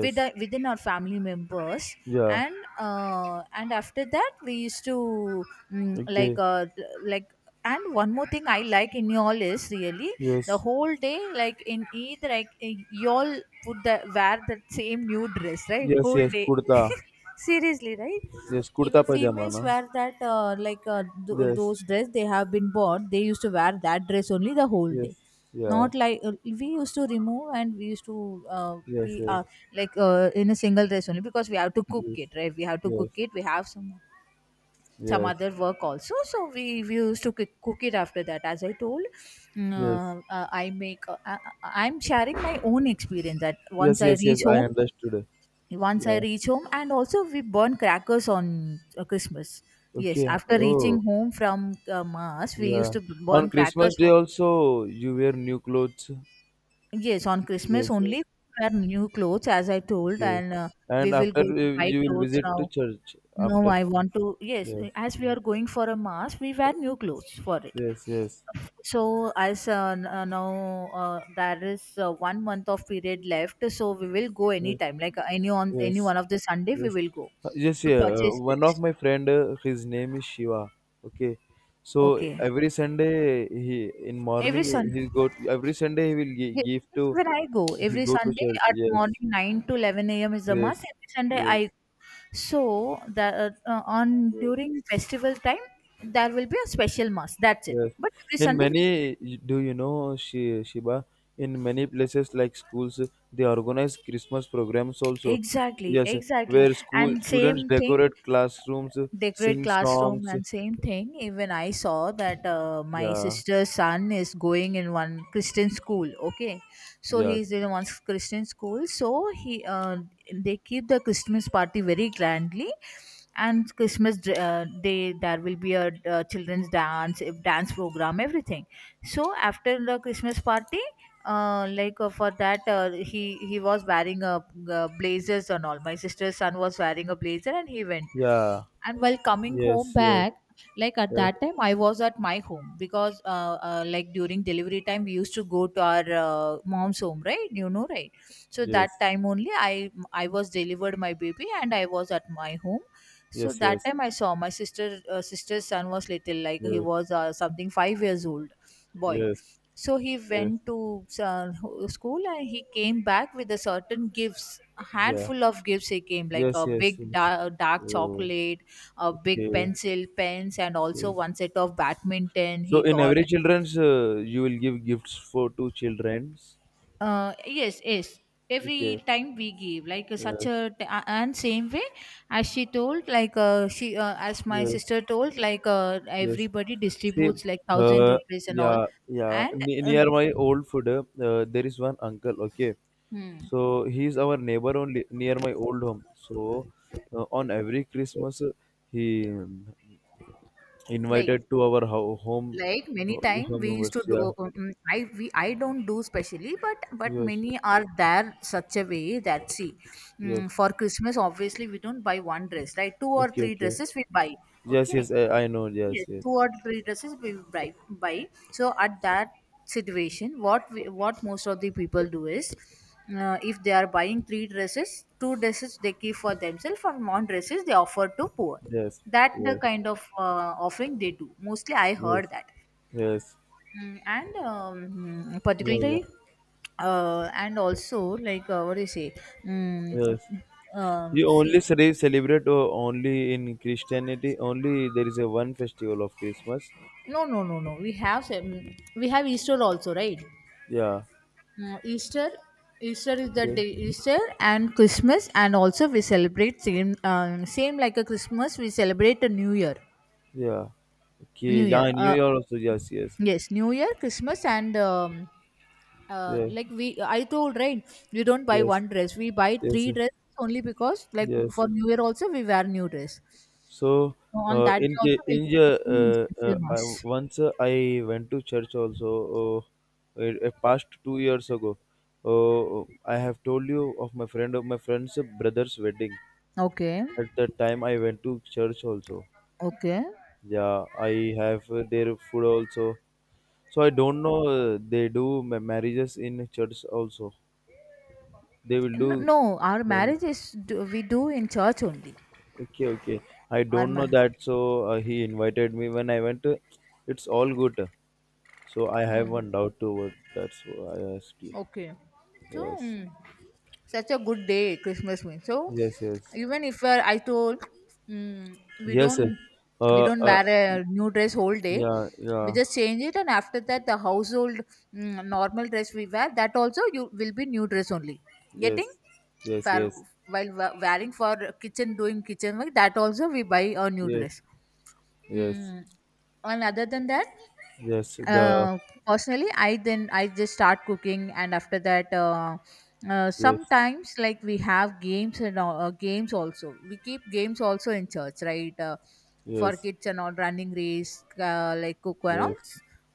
[SPEAKER 2] with the, within our family members,
[SPEAKER 1] Yeah.
[SPEAKER 2] and after that we used to mm, like
[SPEAKER 1] Okay.
[SPEAKER 2] uh, like and one more thing I like in y'all is really the
[SPEAKER 1] Yes.
[SPEAKER 2] whole day, like in Eid, y'all put the wear that same new dress right
[SPEAKER 1] Yes.
[SPEAKER 2] whole
[SPEAKER 1] Yes.
[SPEAKER 2] day
[SPEAKER 1] Kurta.
[SPEAKER 2] seriously right
[SPEAKER 1] Yes. Kurta
[SPEAKER 2] even
[SPEAKER 1] pajama.
[SPEAKER 2] females
[SPEAKER 1] No.
[SPEAKER 2] wear that
[SPEAKER 1] Yes.
[SPEAKER 2] those dress they have been bought they used to wear that dress only the whole day,
[SPEAKER 1] Yes. Yeah.
[SPEAKER 2] not like we used to remove and we used to uh,
[SPEAKER 1] Yes.
[SPEAKER 2] be
[SPEAKER 1] Yes.
[SPEAKER 2] like in a single dress only because we have to cook
[SPEAKER 1] Yes.
[SPEAKER 2] it right we have to cook
[SPEAKER 1] Yes.
[SPEAKER 2] it we have some
[SPEAKER 1] Yes.
[SPEAKER 2] other work also so we used to cook it. After that as I told,
[SPEAKER 1] Yes.
[SPEAKER 2] I, I'm sharing my own experience that once
[SPEAKER 1] Yes.
[SPEAKER 2] I
[SPEAKER 1] Yes. Yes.
[SPEAKER 2] reach
[SPEAKER 1] I
[SPEAKER 2] home,
[SPEAKER 1] understood.
[SPEAKER 2] once I
[SPEAKER 1] Yeah.
[SPEAKER 2] reach home, and also we burn crackers on Christmas. Yes,
[SPEAKER 1] Okay.
[SPEAKER 2] after
[SPEAKER 1] Oh.
[SPEAKER 2] reaching home from mass, we used
[SPEAKER 1] Yeah.
[SPEAKER 2] to
[SPEAKER 1] On
[SPEAKER 2] burn
[SPEAKER 1] Christmas
[SPEAKER 2] crackers.
[SPEAKER 1] Day also you wear new clothes.
[SPEAKER 2] Yes, on Christmas
[SPEAKER 1] Yes, yes.
[SPEAKER 2] only we wear new clothes, as I told,
[SPEAKER 1] Okay.
[SPEAKER 2] and we
[SPEAKER 1] And
[SPEAKER 2] will
[SPEAKER 1] after
[SPEAKER 2] go
[SPEAKER 1] you
[SPEAKER 2] to buy
[SPEAKER 1] you will
[SPEAKER 2] clothes
[SPEAKER 1] visit to
[SPEAKER 2] now.
[SPEAKER 1] church
[SPEAKER 2] No,
[SPEAKER 1] after.
[SPEAKER 2] I want to. Yes,
[SPEAKER 1] Yes,
[SPEAKER 2] as we are going for a mass, we wear new clothes for it.
[SPEAKER 1] yes, yes,
[SPEAKER 2] So as now there is 1 month of period left, so we will go
[SPEAKER 1] yes,
[SPEAKER 2] anytime, like
[SPEAKER 1] yes.
[SPEAKER 2] any one of the Sunday, we
[SPEAKER 1] Yes,
[SPEAKER 2] will go
[SPEAKER 1] Yes,
[SPEAKER 2] to
[SPEAKER 1] yeah.
[SPEAKER 2] purchase.
[SPEAKER 1] One of my friend, his name is Shiva. Okay. So
[SPEAKER 2] Okay.
[SPEAKER 1] every Sunday he in
[SPEAKER 2] Every
[SPEAKER 1] morning
[SPEAKER 2] Sun.
[SPEAKER 1] he go to, every Sunday he will
[SPEAKER 2] Ye-
[SPEAKER 1] give
[SPEAKER 2] Yes,
[SPEAKER 1] to
[SPEAKER 2] when I go
[SPEAKER 1] he
[SPEAKER 2] every
[SPEAKER 1] go to
[SPEAKER 2] Sunday
[SPEAKER 1] church.
[SPEAKER 2] at
[SPEAKER 1] Yes,
[SPEAKER 2] morning 9 to 11 a.m. is the mass.
[SPEAKER 1] yes,
[SPEAKER 2] Every Sunday
[SPEAKER 1] yes,
[SPEAKER 2] I so that on
[SPEAKER 1] yes.
[SPEAKER 2] during festival time there will be a special mass. That's it.
[SPEAKER 1] Yes.
[SPEAKER 2] But every
[SPEAKER 1] In
[SPEAKER 2] Sunday we-
[SPEAKER 1] many, do you know, Shiba, in many places like schools, they organize Christmas programs also.
[SPEAKER 2] exactly,
[SPEAKER 1] Yes,
[SPEAKER 2] exactly,
[SPEAKER 1] where school
[SPEAKER 2] and
[SPEAKER 1] students
[SPEAKER 2] same thing
[SPEAKER 1] decorate classrooms,
[SPEAKER 2] decorate
[SPEAKER 1] sing
[SPEAKER 2] classroom
[SPEAKER 1] songs.
[SPEAKER 2] and same thing. Even I saw that my
[SPEAKER 1] Yeah,
[SPEAKER 2] sister's son is going in one Christian school, okay, so
[SPEAKER 1] yes,
[SPEAKER 2] he's in one Christian school, so he they keep the Christmas party very grandly, and Christmas day there will be a children's dance if dance program everything. So after the Christmas party, like for that he was wearing a, uh, blazers and all, my sister's son was wearing a blazer and he went,
[SPEAKER 1] yeah,
[SPEAKER 2] and while coming home
[SPEAKER 1] yes, yes,
[SPEAKER 2] back, like at
[SPEAKER 1] yes,
[SPEAKER 2] that time I was at my home because like during delivery time we used to go to our mom's home right you know right, so that
[SPEAKER 1] yes,
[SPEAKER 2] time only I was delivered my baby and I was at my home. So
[SPEAKER 1] yes,
[SPEAKER 2] that
[SPEAKER 1] yes,
[SPEAKER 2] time I saw my sister sister's son was little, like he
[SPEAKER 1] yes,
[SPEAKER 2] was something 5 years old boy,
[SPEAKER 1] yes, yes,
[SPEAKER 2] so he went to uh, school, and he came back with a certain gifts, a
[SPEAKER 1] yeah,
[SPEAKER 2] handful of gifts he came, like
[SPEAKER 1] yes,
[SPEAKER 2] a
[SPEAKER 1] yes,
[SPEAKER 2] big
[SPEAKER 1] yes.
[SPEAKER 2] dark
[SPEAKER 1] Oh,
[SPEAKER 2] chocolate, a big
[SPEAKER 1] okay,
[SPEAKER 2] pencil, pens, and also
[SPEAKER 1] okay.
[SPEAKER 2] one set of badminton
[SPEAKER 1] So
[SPEAKER 2] he
[SPEAKER 1] in
[SPEAKER 2] got.
[SPEAKER 1] every children's, you will give gifts for two children's.
[SPEAKER 2] Yes, yes.
[SPEAKER 1] Okay.
[SPEAKER 2] Every time we give, like such
[SPEAKER 1] Yes.
[SPEAKER 2] a, and same way as she told, like she, as my
[SPEAKER 1] Yes,
[SPEAKER 2] sister told, like
[SPEAKER 1] yes.
[SPEAKER 2] everybody
[SPEAKER 1] See,
[SPEAKER 2] distributes like thousand
[SPEAKER 1] uh,
[SPEAKER 2] rupees and all,
[SPEAKER 1] yeah, yeah.
[SPEAKER 2] and
[SPEAKER 1] Ne
[SPEAKER 2] uh,
[SPEAKER 1] Near my old food, there is one uncle. Okay,
[SPEAKER 2] hmm,
[SPEAKER 1] so he's our neighbor only near my old home. So on every Christmas, he
[SPEAKER 2] like
[SPEAKER 1] invited to our
[SPEAKER 2] like many
[SPEAKER 1] ho
[SPEAKER 2] time
[SPEAKER 1] home
[SPEAKER 2] we used to
[SPEAKER 1] members.
[SPEAKER 2] do
[SPEAKER 1] Yeah,
[SPEAKER 2] I don't do specially, but
[SPEAKER 1] yes,
[SPEAKER 2] many are there such a way that see,
[SPEAKER 1] yes.
[SPEAKER 2] for Christmas obviously we don't buy one dress right two or
[SPEAKER 1] Okay,
[SPEAKER 2] three
[SPEAKER 1] okay.
[SPEAKER 2] dresses we buy,
[SPEAKER 1] Yes,
[SPEAKER 2] okay,
[SPEAKER 1] yes. I know.
[SPEAKER 2] yes,
[SPEAKER 1] Yes, yes,
[SPEAKER 2] two or three dresses we buy so at that situation what what most of the people do is, if they are buying three dresses two dresses they keep for themselves and one dresses they offer to poor,
[SPEAKER 1] yes,
[SPEAKER 2] that the
[SPEAKER 1] yes,
[SPEAKER 2] kind of offering they do, mostly I heard
[SPEAKER 1] yes,
[SPEAKER 2] that.
[SPEAKER 1] yes.
[SPEAKER 2] Mm, and um,
[SPEAKER 1] Yeah, yeah.
[SPEAKER 2] particularly and also like what do you say, mm,
[SPEAKER 1] Yes. You only
[SPEAKER 2] see,
[SPEAKER 1] celebrate only in Christianity. Only there is a one festival of Christmas.
[SPEAKER 2] no no no no, we have we have Easter also right.
[SPEAKER 1] Yeah.
[SPEAKER 2] Mm, easter Easter is the day,
[SPEAKER 1] Okay.
[SPEAKER 2] Easter and Christmas, and also we celebrate same same like a Christmas we celebrate a New Year.
[SPEAKER 1] Yeah. Okay.
[SPEAKER 2] new
[SPEAKER 1] Yeah.
[SPEAKER 2] year
[SPEAKER 1] In New
[SPEAKER 2] uh,
[SPEAKER 1] Year also. Yes. Yes.
[SPEAKER 2] yes, New Year, Christmas, and
[SPEAKER 1] Yeah.
[SPEAKER 2] like we I told right, we don't buy
[SPEAKER 1] Yes.
[SPEAKER 2] one dress, we buy
[SPEAKER 1] Yes.
[SPEAKER 2] three dresses only because like
[SPEAKER 1] Yes.
[SPEAKER 2] for New Year also we wear new dress,
[SPEAKER 1] So,
[SPEAKER 2] so on that
[SPEAKER 1] in
[SPEAKER 2] day
[SPEAKER 1] K-
[SPEAKER 2] also we'll
[SPEAKER 1] in
[SPEAKER 2] be
[SPEAKER 1] the,
[SPEAKER 2] having special
[SPEAKER 1] I,
[SPEAKER 2] mass.
[SPEAKER 1] once uh, I went to church also. Past 2 years ago, I have told you of my friend's brother's wedding.
[SPEAKER 2] Okay,
[SPEAKER 1] At that time, I went to church also.
[SPEAKER 2] okay.
[SPEAKER 1] Yeah, I have their food also. So I don't know they do marriages in church also. They will do
[SPEAKER 2] No, our
[SPEAKER 1] then.
[SPEAKER 2] marriage is we do in church only.
[SPEAKER 1] Okay, okay. I
[SPEAKER 2] our
[SPEAKER 1] don't know
[SPEAKER 2] ma-
[SPEAKER 1] that. So he invited me when I went. It's all good. So I have one
[SPEAKER 2] hmm.
[SPEAKER 1] doubt toward. That's why I asked you.
[SPEAKER 2] Okay. So
[SPEAKER 1] Yes,
[SPEAKER 2] hmm. Such a good day Christmas means, so
[SPEAKER 1] yes, yes,
[SPEAKER 2] even if I told, mm, we
[SPEAKER 1] yes. Sir.
[SPEAKER 2] don't we
[SPEAKER 1] Uh,
[SPEAKER 2] don't
[SPEAKER 1] uh,
[SPEAKER 2] wear a new dress whole day,
[SPEAKER 1] yeah,
[SPEAKER 2] we
[SPEAKER 1] yeah.
[SPEAKER 2] just change it, and after that the household, normal dress we wear, that also you will be new dress only getting
[SPEAKER 1] Yes, yes,
[SPEAKER 2] for,
[SPEAKER 1] yes,
[SPEAKER 2] while wearing for kitchen, doing kitchen work, that also we buy a new
[SPEAKER 1] yes,
[SPEAKER 2] dress.
[SPEAKER 1] yes,
[SPEAKER 2] mm. And other than that
[SPEAKER 1] yes. The
[SPEAKER 2] uh, personally I then I just start cooking, and after that
[SPEAKER 1] yes,
[SPEAKER 2] sometimes like we have games and all, games also we keep games also in church right, for
[SPEAKER 1] yes,
[SPEAKER 2] kids and all running race, like cook and all,
[SPEAKER 1] yes.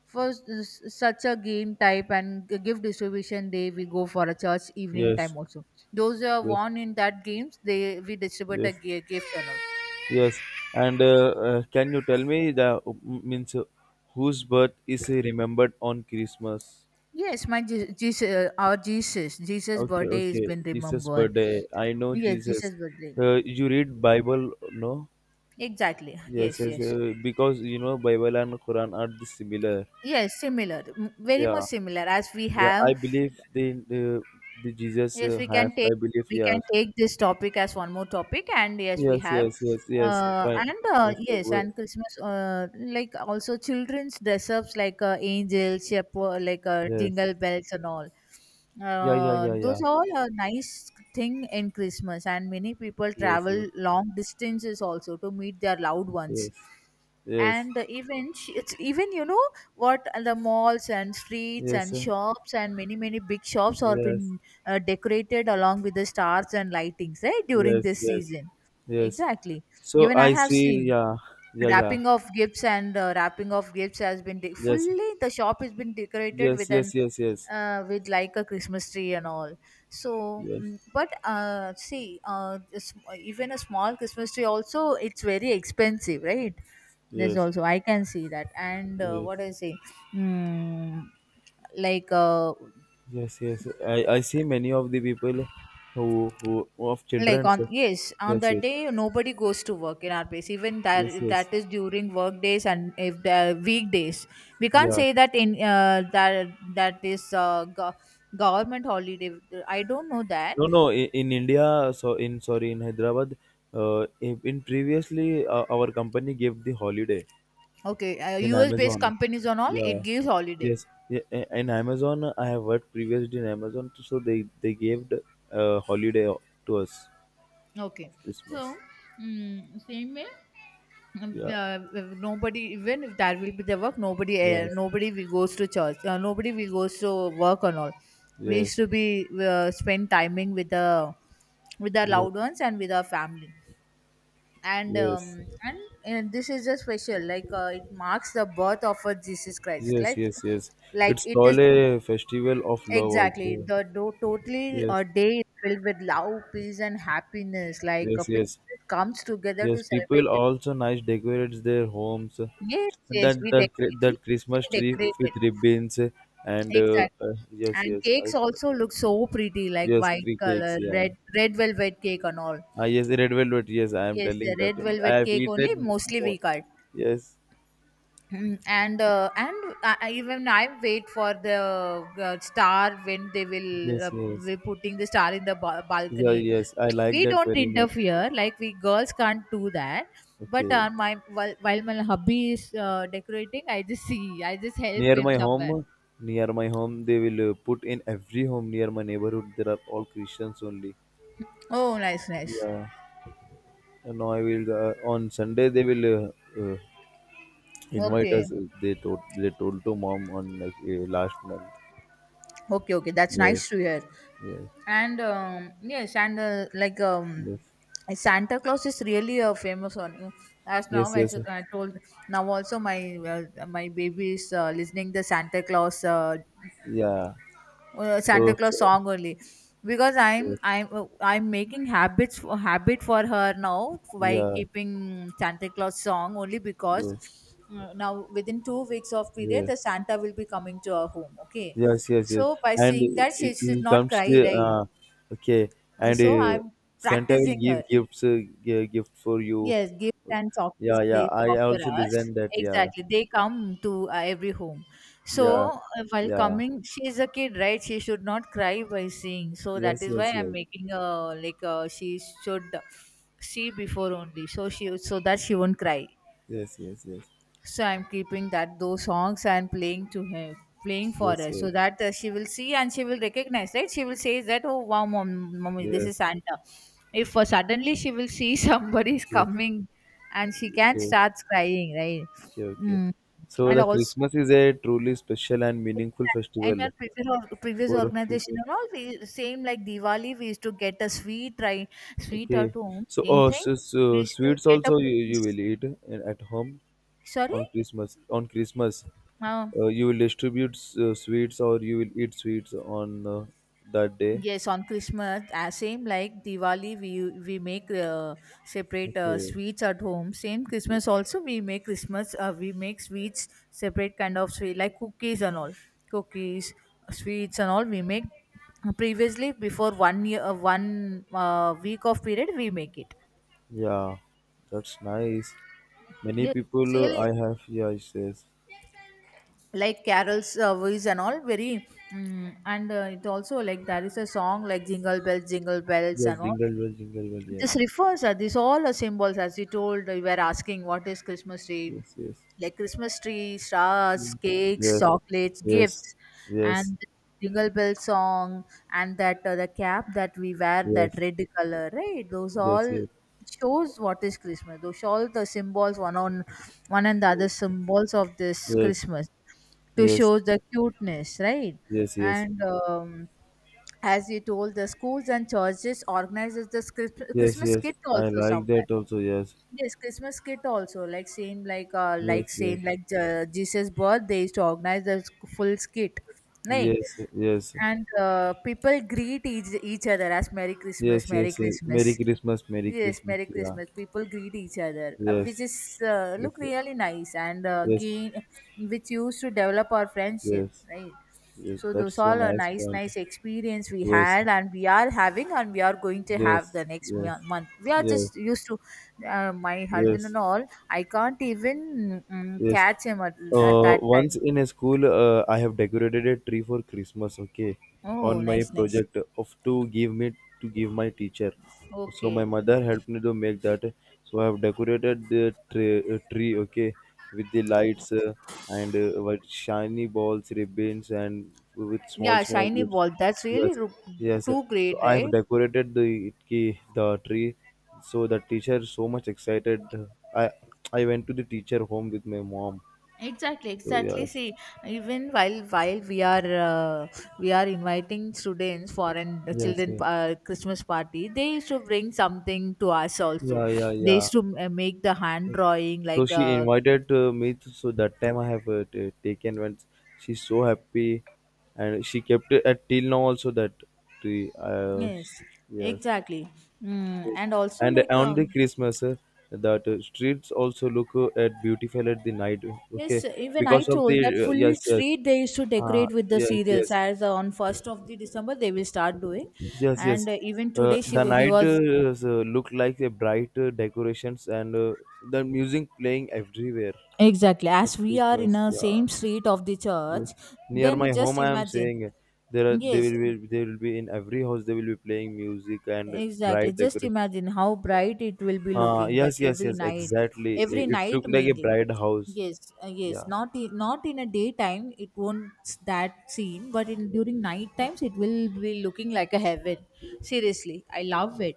[SPEAKER 2] for such a game type and gift distribution day we go for a church evening
[SPEAKER 1] Yes,
[SPEAKER 2] time also, those who are
[SPEAKER 1] yes,
[SPEAKER 2] won in that games they we distribute a
[SPEAKER 1] yes,
[SPEAKER 2] gift and all.
[SPEAKER 1] yes. And can you tell me the means whose birth is remembered on Christmas?
[SPEAKER 2] Yes, my Jesus, our Jesus, Jesus
[SPEAKER 1] Okay,
[SPEAKER 2] birthday has
[SPEAKER 1] okay.
[SPEAKER 2] been
[SPEAKER 1] Jesus'
[SPEAKER 2] remembered.
[SPEAKER 1] birthday. I know
[SPEAKER 2] Yes, Jesus'
[SPEAKER 1] Jesus.
[SPEAKER 2] birthday.
[SPEAKER 1] You read Bible, no?
[SPEAKER 2] Exactly.
[SPEAKER 1] Yes,
[SPEAKER 2] Yes,
[SPEAKER 1] yes.
[SPEAKER 2] yes.
[SPEAKER 1] Because you know Bible and Quran are the similar.
[SPEAKER 2] Yes, similar, very
[SPEAKER 1] Yeah,
[SPEAKER 2] much similar as we
[SPEAKER 1] yeah.
[SPEAKER 2] have.
[SPEAKER 1] I believe the Jesus
[SPEAKER 2] Yes, we
[SPEAKER 1] have.
[SPEAKER 2] can take,
[SPEAKER 1] I believe
[SPEAKER 2] we can
[SPEAKER 1] yes,
[SPEAKER 2] take this topic as one more topic, and yes, we
[SPEAKER 1] yes,
[SPEAKER 2] have.
[SPEAKER 1] yes, yes, yes. But
[SPEAKER 2] And
[SPEAKER 1] yes,
[SPEAKER 2] Yes, and Christmas, like also children's dress ups like angels, shepherd, like
[SPEAKER 1] yes.
[SPEAKER 2] jingle bells and all.
[SPEAKER 1] Yeah, yeah, yeah,
[SPEAKER 2] Those
[SPEAKER 1] yeah.
[SPEAKER 2] all are nice thing in Christmas, and many people
[SPEAKER 1] Yes, yes,
[SPEAKER 2] travel long distances also to meet their loved ones.
[SPEAKER 1] yes. Yes,
[SPEAKER 2] And even it's even what the malls and streets
[SPEAKER 1] yes,
[SPEAKER 2] and shops and many many big shops are
[SPEAKER 1] yes,
[SPEAKER 2] been decorated along with the stars and lightings, right, during
[SPEAKER 1] yes,
[SPEAKER 2] this
[SPEAKER 1] yes,
[SPEAKER 2] season.
[SPEAKER 1] yes.
[SPEAKER 2] Exactly.
[SPEAKER 1] So
[SPEAKER 2] Even I
[SPEAKER 1] I
[SPEAKER 2] have
[SPEAKER 1] see,
[SPEAKER 2] seen
[SPEAKER 1] yeah, yeah, yeah,
[SPEAKER 2] wrapping of gifts, and wrapping of gifts has been
[SPEAKER 1] yes,
[SPEAKER 2] fully the shop has been decorated
[SPEAKER 1] yes,
[SPEAKER 2] with an
[SPEAKER 1] yes, yes, yes,
[SPEAKER 2] with like a Christmas tree and all. So,
[SPEAKER 1] yes,
[SPEAKER 2] but see, this, even a small Christmas tree also, it's very expensive, right? There's
[SPEAKER 1] yes,
[SPEAKER 2] also, I can see that. And
[SPEAKER 1] yes,
[SPEAKER 2] what I say, mm, like,
[SPEAKER 1] yes, yes. I see many of the people who of
[SPEAKER 2] like
[SPEAKER 1] children.
[SPEAKER 2] on, yes, on
[SPEAKER 1] Yes,
[SPEAKER 2] that
[SPEAKER 1] yes,
[SPEAKER 2] day nobody goes to work in our place, even that
[SPEAKER 1] yes, yes.
[SPEAKER 2] that is during work days, and if the weekdays, we can't
[SPEAKER 1] Yeah.
[SPEAKER 2] say that in that is government holiday. I don't know that.
[SPEAKER 1] No, no. In India, so in sorry, in Hyderabad, in previously our company gave the holiday
[SPEAKER 2] Okay,
[SPEAKER 1] in
[SPEAKER 2] US based
[SPEAKER 1] Amazon.
[SPEAKER 2] companies on all,
[SPEAKER 1] Yeah.
[SPEAKER 2] it gives holiday.
[SPEAKER 1] Yes. Yeah. In Amazon, I have worked previously in Amazon, so they gave the, holiday to us
[SPEAKER 2] Okay.
[SPEAKER 1] of
[SPEAKER 2] So,
[SPEAKER 1] Christmas.
[SPEAKER 2] mm, same way,
[SPEAKER 1] Yeah.
[SPEAKER 2] if nobody, even if that will be the work, nobody uh,
[SPEAKER 1] Yes.
[SPEAKER 2] nobody we goes to church, nobody we goes to work and all. We used
[SPEAKER 1] Yes.
[SPEAKER 2] to be spend timing with the with our
[SPEAKER 1] Yes.
[SPEAKER 2] loved ones and with our family. and
[SPEAKER 1] Yes.
[SPEAKER 2] um, and uh, this is a special, like, it marks the birth of our Jesus Christ,
[SPEAKER 1] Yes. Yes. Yes.
[SPEAKER 2] like
[SPEAKER 1] It's
[SPEAKER 2] it
[SPEAKER 1] called
[SPEAKER 2] is.
[SPEAKER 1] a festival of love
[SPEAKER 2] Exactly.
[SPEAKER 1] also.
[SPEAKER 2] Totally, a
[SPEAKER 1] Yes.
[SPEAKER 2] day is filled with love, peace and happiness, like a
[SPEAKER 1] Yes. Yes.
[SPEAKER 2] people comes together
[SPEAKER 1] Yes.
[SPEAKER 2] to
[SPEAKER 1] People
[SPEAKER 2] celebrate.
[SPEAKER 1] also nice decorates their homes.
[SPEAKER 2] Yes, yes,
[SPEAKER 1] That
[SPEAKER 2] we
[SPEAKER 1] that cri-
[SPEAKER 2] decorate. We
[SPEAKER 1] that Christmas
[SPEAKER 2] especially
[SPEAKER 1] tree
[SPEAKER 2] decorate it.
[SPEAKER 1] with ribbons and
[SPEAKER 2] Exactly.
[SPEAKER 1] yes.
[SPEAKER 2] And
[SPEAKER 1] Yes. I
[SPEAKER 2] cakes
[SPEAKER 1] saw.
[SPEAKER 2] also look so pretty, like
[SPEAKER 1] Yes.
[SPEAKER 2] white
[SPEAKER 1] Tree cakes.
[SPEAKER 2] color,
[SPEAKER 1] Yeah.
[SPEAKER 2] red velvet cake and all.
[SPEAKER 1] Ah, yes, red velvet. Yes, I am
[SPEAKER 2] Yes, the
[SPEAKER 1] telling that
[SPEAKER 2] red
[SPEAKER 1] only. I
[SPEAKER 2] velvet
[SPEAKER 1] have
[SPEAKER 2] cake only
[SPEAKER 1] eaten
[SPEAKER 2] mostly
[SPEAKER 1] more.
[SPEAKER 2] we cut.
[SPEAKER 1] Yes,
[SPEAKER 2] And even I wait for the star when they will
[SPEAKER 1] yes, yes.
[SPEAKER 2] be putting the star in the
[SPEAKER 1] Yeah,
[SPEAKER 2] balcony.
[SPEAKER 1] yes, I like
[SPEAKER 2] We
[SPEAKER 1] that
[SPEAKER 2] don't
[SPEAKER 1] very much. Yes.
[SPEAKER 2] interfere, like we girls can't do that. But
[SPEAKER 1] Okay.
[SPEAKER 2] my while my hubby is decorating, I just see, I just help
[SPEAKER 1] Near
[SPEAKER 2] him
[SPEAKER 1] my
[SPEAKER 2] somewhere.
[SPEAKER 1] home, near my home, they will put in every home near my neighborhood. There are all Christians only.
[SPEAKER 2] Oh, nice, nice.
[SPEAKER 1] Yeah. And now I will on Sunday they will uh, uh, invite
[SPEAKER 2] Okay,
[SPEAKER 1] us. They told to mom on like last month.
[SPEAKER 2] okay, okay. That's
[SPEAKER 1] Yes,
[SPEAKER 2] nice to hear.
[SPEAKER 1] yes,
[SPEAKER 2] And yes, and like
[SPEAKER 1] yes,
[SPEAKER 2] Santa Claus is really a famous one. As now,
[SPEAKER 1] yes,
[SPEAKER 2] as
[SPEAKER 1] yes.
[SPEAKER 2] I told, now also my baby is listening the
[SPEAKER 1] Yeah.
[SPEAKER 2] Santa
[SPEAKER 1] So,
[SPEAKER 2] Claus
[SPEAKER 1] so
[SPEAKER 2] song only, because I'm
[SPEAKER 1] yes,
[SPEAKER 2] I'm uh, I'm making habit for her now by
[SPEAKER 1] yeah,
[SPEAKER 2] keeping Santa Claus song only, because
[SPEAKER 1] yes.
[SPEAKER 2] now within 2 weeks of period
[SPEAKER 1] Yeah.
[SPEAKER 2] the Santa will be coming to our home. Okay,
[SPEAKER 1] Yes, yes, yes.
[SPEAKER 2] so by
[SPEAKER 1] And
[SPEAKER 2] seeing that she
[SPEAKER 1] it
[SPEAKER 2] should
[SPEAKER 1] he
[SPEAKER 2] not
[SPEAKER 1] comes to
[SPEAKER 2] cry, right?
[SPEAKER 1] okay,
[SPEAKER 2] Uh,
[SPEAKER 1] and
[SPEAKER 2] So I'm
[SPEAKER 1] Santa will
[SPEAKER 2] practicing her.
[SPEAKER 1] give gifts, gift for you.
[SPEAKER 2] Yes, gifts and chocolates
[SPEAKER 1] Yeah, yeah.
[SPEAKER 2] they
[SPEAKER 1] I
[SPEAKER 2] offer
[SPEAKER 1] also
[SPEAKER 2] us.
[SPEAKER 1] listen that. Yeah,
[SPEAKER 2] Exactly. They come to every home.
[SPEAKER 1] yeah,
[SPEAKER 2] So, while
[SPEAKER 1] yeah.
[SPEAKER 2] coming, she is a kid, right? She should not cry by seeing. So, that
[SPEAKER 1] Yes,
[SPEAKER 2] is why
[SPEAKER 1] yes,
[SPEAKER 2] I'm
[SPEAKER 1] yes,
[SPEAKER 2] making a, like, she should see before only, so she, so that she won't cry,
[SPEAKER 1] yes, yes, yes,
[SPEAKER 2] so I'm keeping that those songs and playing to him, playing for
[SPEAKER 1] yes,
[SPEAKER 2] her, so that she will see and she will recognize, right, she will say that, oh wow, mommy,
[SPEAKER 1] yes,
[SPEAKER 2] this is
[SPEAKER 1] yes,
[SPEAKER 2] Santa, if suddenly she will see somebody is
[SPEAKER 1] yes.
[SPEAKER 2] coming and she can
[SPEAKER 1] Okay,
[SPEAKER 2] start crying, right.
[SPEAKER 1] okay, okay.
[SPEAKER 2] Mm.
[SPEAKER 1] So
[SPEAKER 2] And
[SPEAKER 1] the
[SPEAKER 2] also,
[SPEAKER 1] Christmas is a truly special and meaningful
[SPEAKER 2] in our
[SPEAKER 1] festival
[SPEAKER 2] previous, previous
[SPEAKER 1] for
[SPEAKER 2] organization
[SPEAKER 1] people.
[SPEAKER 2] and all, we same like Diwali we used to get a sweet, right, sweet at
[SPEAKER 1] Okay.
[SPEAKER 2] home,
[SPEAKER 1] So,
[SPEAKER 2] same
[SPEAKER 1] oh,
[SPEAKER 2] thing.
[SPEAKER 1] so,
[SPEAKER 2] We
[SPEAKER 1] so
[SPEAKER 2] used to
[SPEAKER 1] sweets
[SPEAKER 2] get a
[SPEAKER 1] also you
[SPEAKER 2] cookies.
[SPEAKER 1] will eat at home.
[SPEAKER 2] Sorry.
[SPEAKER 1] On Christmas. On Christmas,
[SPEAKER 2] Uh,
[SPEAKER 1] you will distribute sweets or you will eat sweets on that day.
[SPEAKER 2] Yes, on Christmas, same like Diwali, we make separate
[SPEAKER 1] Okay.
[SPEAKER 2] sweets at home. Same
[SPEAKER 1] Okay.
[SPEAKER 2] Christmas also, we make Christmas. We make sweets, separate kind of sweet like cookies and all, cookies, sweets and all. We make previously before one year, one week of period, we make it.
[SPEAKER 1] Yeah, that's nice. Many
[SPEAKER 2] Yes,
[SPEAKER 1] people
[SPEAKER 2] it's really
[SPEAKER 1] I have. Yeah, it says
[SPEAKER 2] like carols, voice and all, very, mm and it also, like, there is a song like Jingle Bells, Jingle Bells
[SPEAKER 1] yes.
[SPEAKER 2] and all.
[SPEAKER 1] Jingle bell, jingle bell.
[SPEAKER 2] This
[SPEAKER 1] Yes,
[SPEAKER 2] refers These all are symbols, as you told you were asking what is Christmas tree,
[SPEAKER 1] yes, yes,
[SPEAKER 2] like Christmas tree, stars,
[SPEAKER 1] Mm.
[SPEAKER 2] cakes,
[SPEAKER 1] Yes,
[SPEAKER 2] chocolates,
[SPEAKER 1] yes,
[SPEAKER 2] gifts
[SPEAKER 1] yes,
[SPEAKER 2] and the jingle bell song, and that, the cap that we wear, that
[SPEAKER 1] yes,
[SPEAKER 2] red color, right, those
[SPEAKER 1] yes,
[SPEAKER 2] all
[SPEAKER 1] yes,
[SPEAKER 2] shows what is Christmas, those all the symbols one on one and the other symbols of this
[SPEAKER 1] yes,
[SPEAKER 2] Christmas to
[SPEAKER 1] yes,
[SPEAKER 2] show the cuteness, right?
[SPEAKER 1] yes, yes,
[SPEAKER 2] And as you told, the schools and churches organizes this
[SPEAKER 1] yes.
[SPEAKER 2] Christmas
[SPEAKER 1] Yes.
[SPEAKER 2] kit
[SPEAKER 1] I
[SPEAKER 2] also
[SPEAKER 1] like
[SPEAKER 2] somewhere.
[SPEAKER 1] that also. Yes,
[SPEAKER 2] Yes, Christmas kit also like same, like
[SPEAKER 1] yes, yes,
[SPEAKER 2] same like Jesus' birth, they used to organize the full skit, like,
[SPEAKER 1] yes, yes.
[SPEAKER 2] and people greet each other as Merry Christmas,
[SPEAKER 1] Yes,
[SPEAKER 2] Merry
[SPEAKER 1] yes, yes. Merry
[SPEAKER 2] Christmas.
[SPEAKER 1] Christmas, Merry
[SPEAKER 2] Yes,
[SPEAKER 1] Christmas.
[SPEAKER 2] Merry
[SPEAKER 1] Yeah.
[SPEAKER 2] Christmas. People greet each other,
[SPEAKER 1] Yes,
[SPEAKER 2] which is,
[SPEAKER 1] yes,
[SPEAKER 2] look
[SPEAKER 1] yes,
[SPEAKER 2] really nice, and
[SPEAKER 1] yes,
[SPEAKER 2] gain, which used to develop our friendship,
[SPEAKER 1] yes.
[SPEAKER 2] right?
[SPEAKER 1] Yes.
[SPEAKER 2] So
[SPEAKER 1] That's
[SPEAKER 2] those
[SPEAKER 1] so
[SPEAKER 2] all are
[SPEAKER 1] nice
[SPEAKER 2] nice,
[SPEAKER 1] point.
[SPEAKER 2] nice experience we
[SPEAKER 1] Yes,
[SPEAKER 2] had, and we are having, and we are going to have
[SPEAKER 1] yes,
[SPEAKER 2] the next
[SPEAKER 1] yes,
[SPEAKER 2] month. We are
[SPEAKER 1] yes,
[SPEAKER 2] just used to, my husband
[SPEAKER 1] yes,
[SPEAKER 2] and all. I can't even,
[SPEAKER 1] yes.
[SPEAKER 2] catch him at
[SPEAKER 1] Uh,
[SPEAKER 2] that
[SPEAKER 1] once
[SPEAKER 2] time.
[SPEAKER 1] in a school, I have decorated a tree for Christmas. Okay,
[SPEAKER 2] Oh,
[SPEAKER 1] on my
[SPEAKER 2] nice, nice.
[SPEAKER 1] project of to give my teacher. So my
[SPEAKER 2] Okay.
[SPEAKER 1] mother helped me to make that. So I have decorated the tree okay, with the lights and with shiny balls, ribbons, and with small
[SPEAKER 2] Yeah,
[SPEAKER 1] small
[SPEAKER 2] shiny
[SPEAKER 1] gifts.
[SPEAKER 2] ball. That's really
[SPEAKER 1] Yes, yes.
[SPEAKER 2] too
[SPEAKER 1] So
[SPEAKER 2] great,
[SPEAKER 1] I have
[SPEAKER 2] right?
[SPEAKER 1] decorated the tree. So the teacher so much excited. I I went to the teacher home with my mom
[SPEAKER 2] Exactly,
[SPEAKER 1] so
[SPEAKER 2] exactly.
[SPEAKER 1] yes,
[SPEAKER 2] See, even while we are, we are inviting students for an
[SPEAKER 1] yes,
[SPEAKER 2] children
[SPEAKER 1] yes,
[SPEAKER 2] Christmas party, they used to bring something to us also.
[SPEAKER 1] yeah, yeah,
[SPEAKER 2] They
[SPEAKER 1] yeah.
[SPEAKER 2] used to make the hand drawing,
[SPEAKER 1] So
[SPEAKER 2] like,
[SPEAKER 1] she invited me. To, so that time I have taken when she's so happy, and she kept it at till now also that tree.
[SPEAKER 2] yes,
[SPEAKER 1] Yes,
[SPEAKER 2] exactly.
[SPEAKER 1] yes.
[SPEAKER 2] And also,
[SPEAKER 1] And
[SPEAKER 2] like,
[SPEAKER 1] on the Christmas, that streets also look at beautiful at the night.
[SPEAKER 2] yes,
[SPEAKER 1] Okay,
[SPEAKER 2] even I
[SPEAKER 1] because of
[SPEAKER 2] told that
[SPEAKER 1] the
[SPEAKER 2] full
[SPEAKER 1] yes, yes.
[SPEAKER 2] street they used to
[SPEAKER 1] Uh,
[SPEAKER 2] decorate with the
[SPEAKER 1] yes,
[SPEAKER 2] cereals,
[SPEAKER 1] yes.
[SPEAKER 2] as on 1st of the December they will start doing.
[SPEAKER 1] Yes, yes.
[SPEAKER 2] And even
[SPEAKER 1] Uh,
[SPEAKER 2] today,
[SPEAKER 1] the
[SPEAKER 2] he
[SPEAKER 1] night
[SPEAKER 2] was.
[SPEAKER 1] looked like a bright decorations and the music playing everywhere
[SPEAKER 2] Exactly.
[SPEAKER 1] at
[SPEAKER 2] As we are in
[SPEAKER 1] Christmas.
[SPEAKER 2] a
[SPEAKER 1] Yeah,
[SPEAKER 2] same street of the
[SPEAKER 1] yes.
[SPEAKER 2] church,
[SPEAKER 1] Near
[SPEAKER 2] then
[SPEAKER 1] my home,
[SPEAKER 2] just
[SPEAKER 1] I am
[SPEAKER 2] imagine.
[SPEAKER 1] saying there are
[SPEAKER 2] Yes,
[SPEAKER 1] they will be in every house they will be playing music and
[SPEAKER 2] exactly.
[SPEAKER 1] bright
[SPEAKER 2] Just
[SPEAKER 1] decoration.
[SPEAKER 2] imagine how bright it will be looking, that
[SPEAKER 1] Yes, yes, yes. Exactly. I-
[SPEAKER 2] every
[SPEAKER 1] It
[SPEAKER 2] night
[SPEAKER 1] looked like a
[SPEAKER 2] mainly.
[SPEAKER 1] bright house.
[SPEAKER 2] Yes, yes.
[SPEAKER 1] Yeah.
[SPEAKER 2] Not in, a daytime it won't that scene, but in during night times it will be looking like a heaven. Seriously, I love it.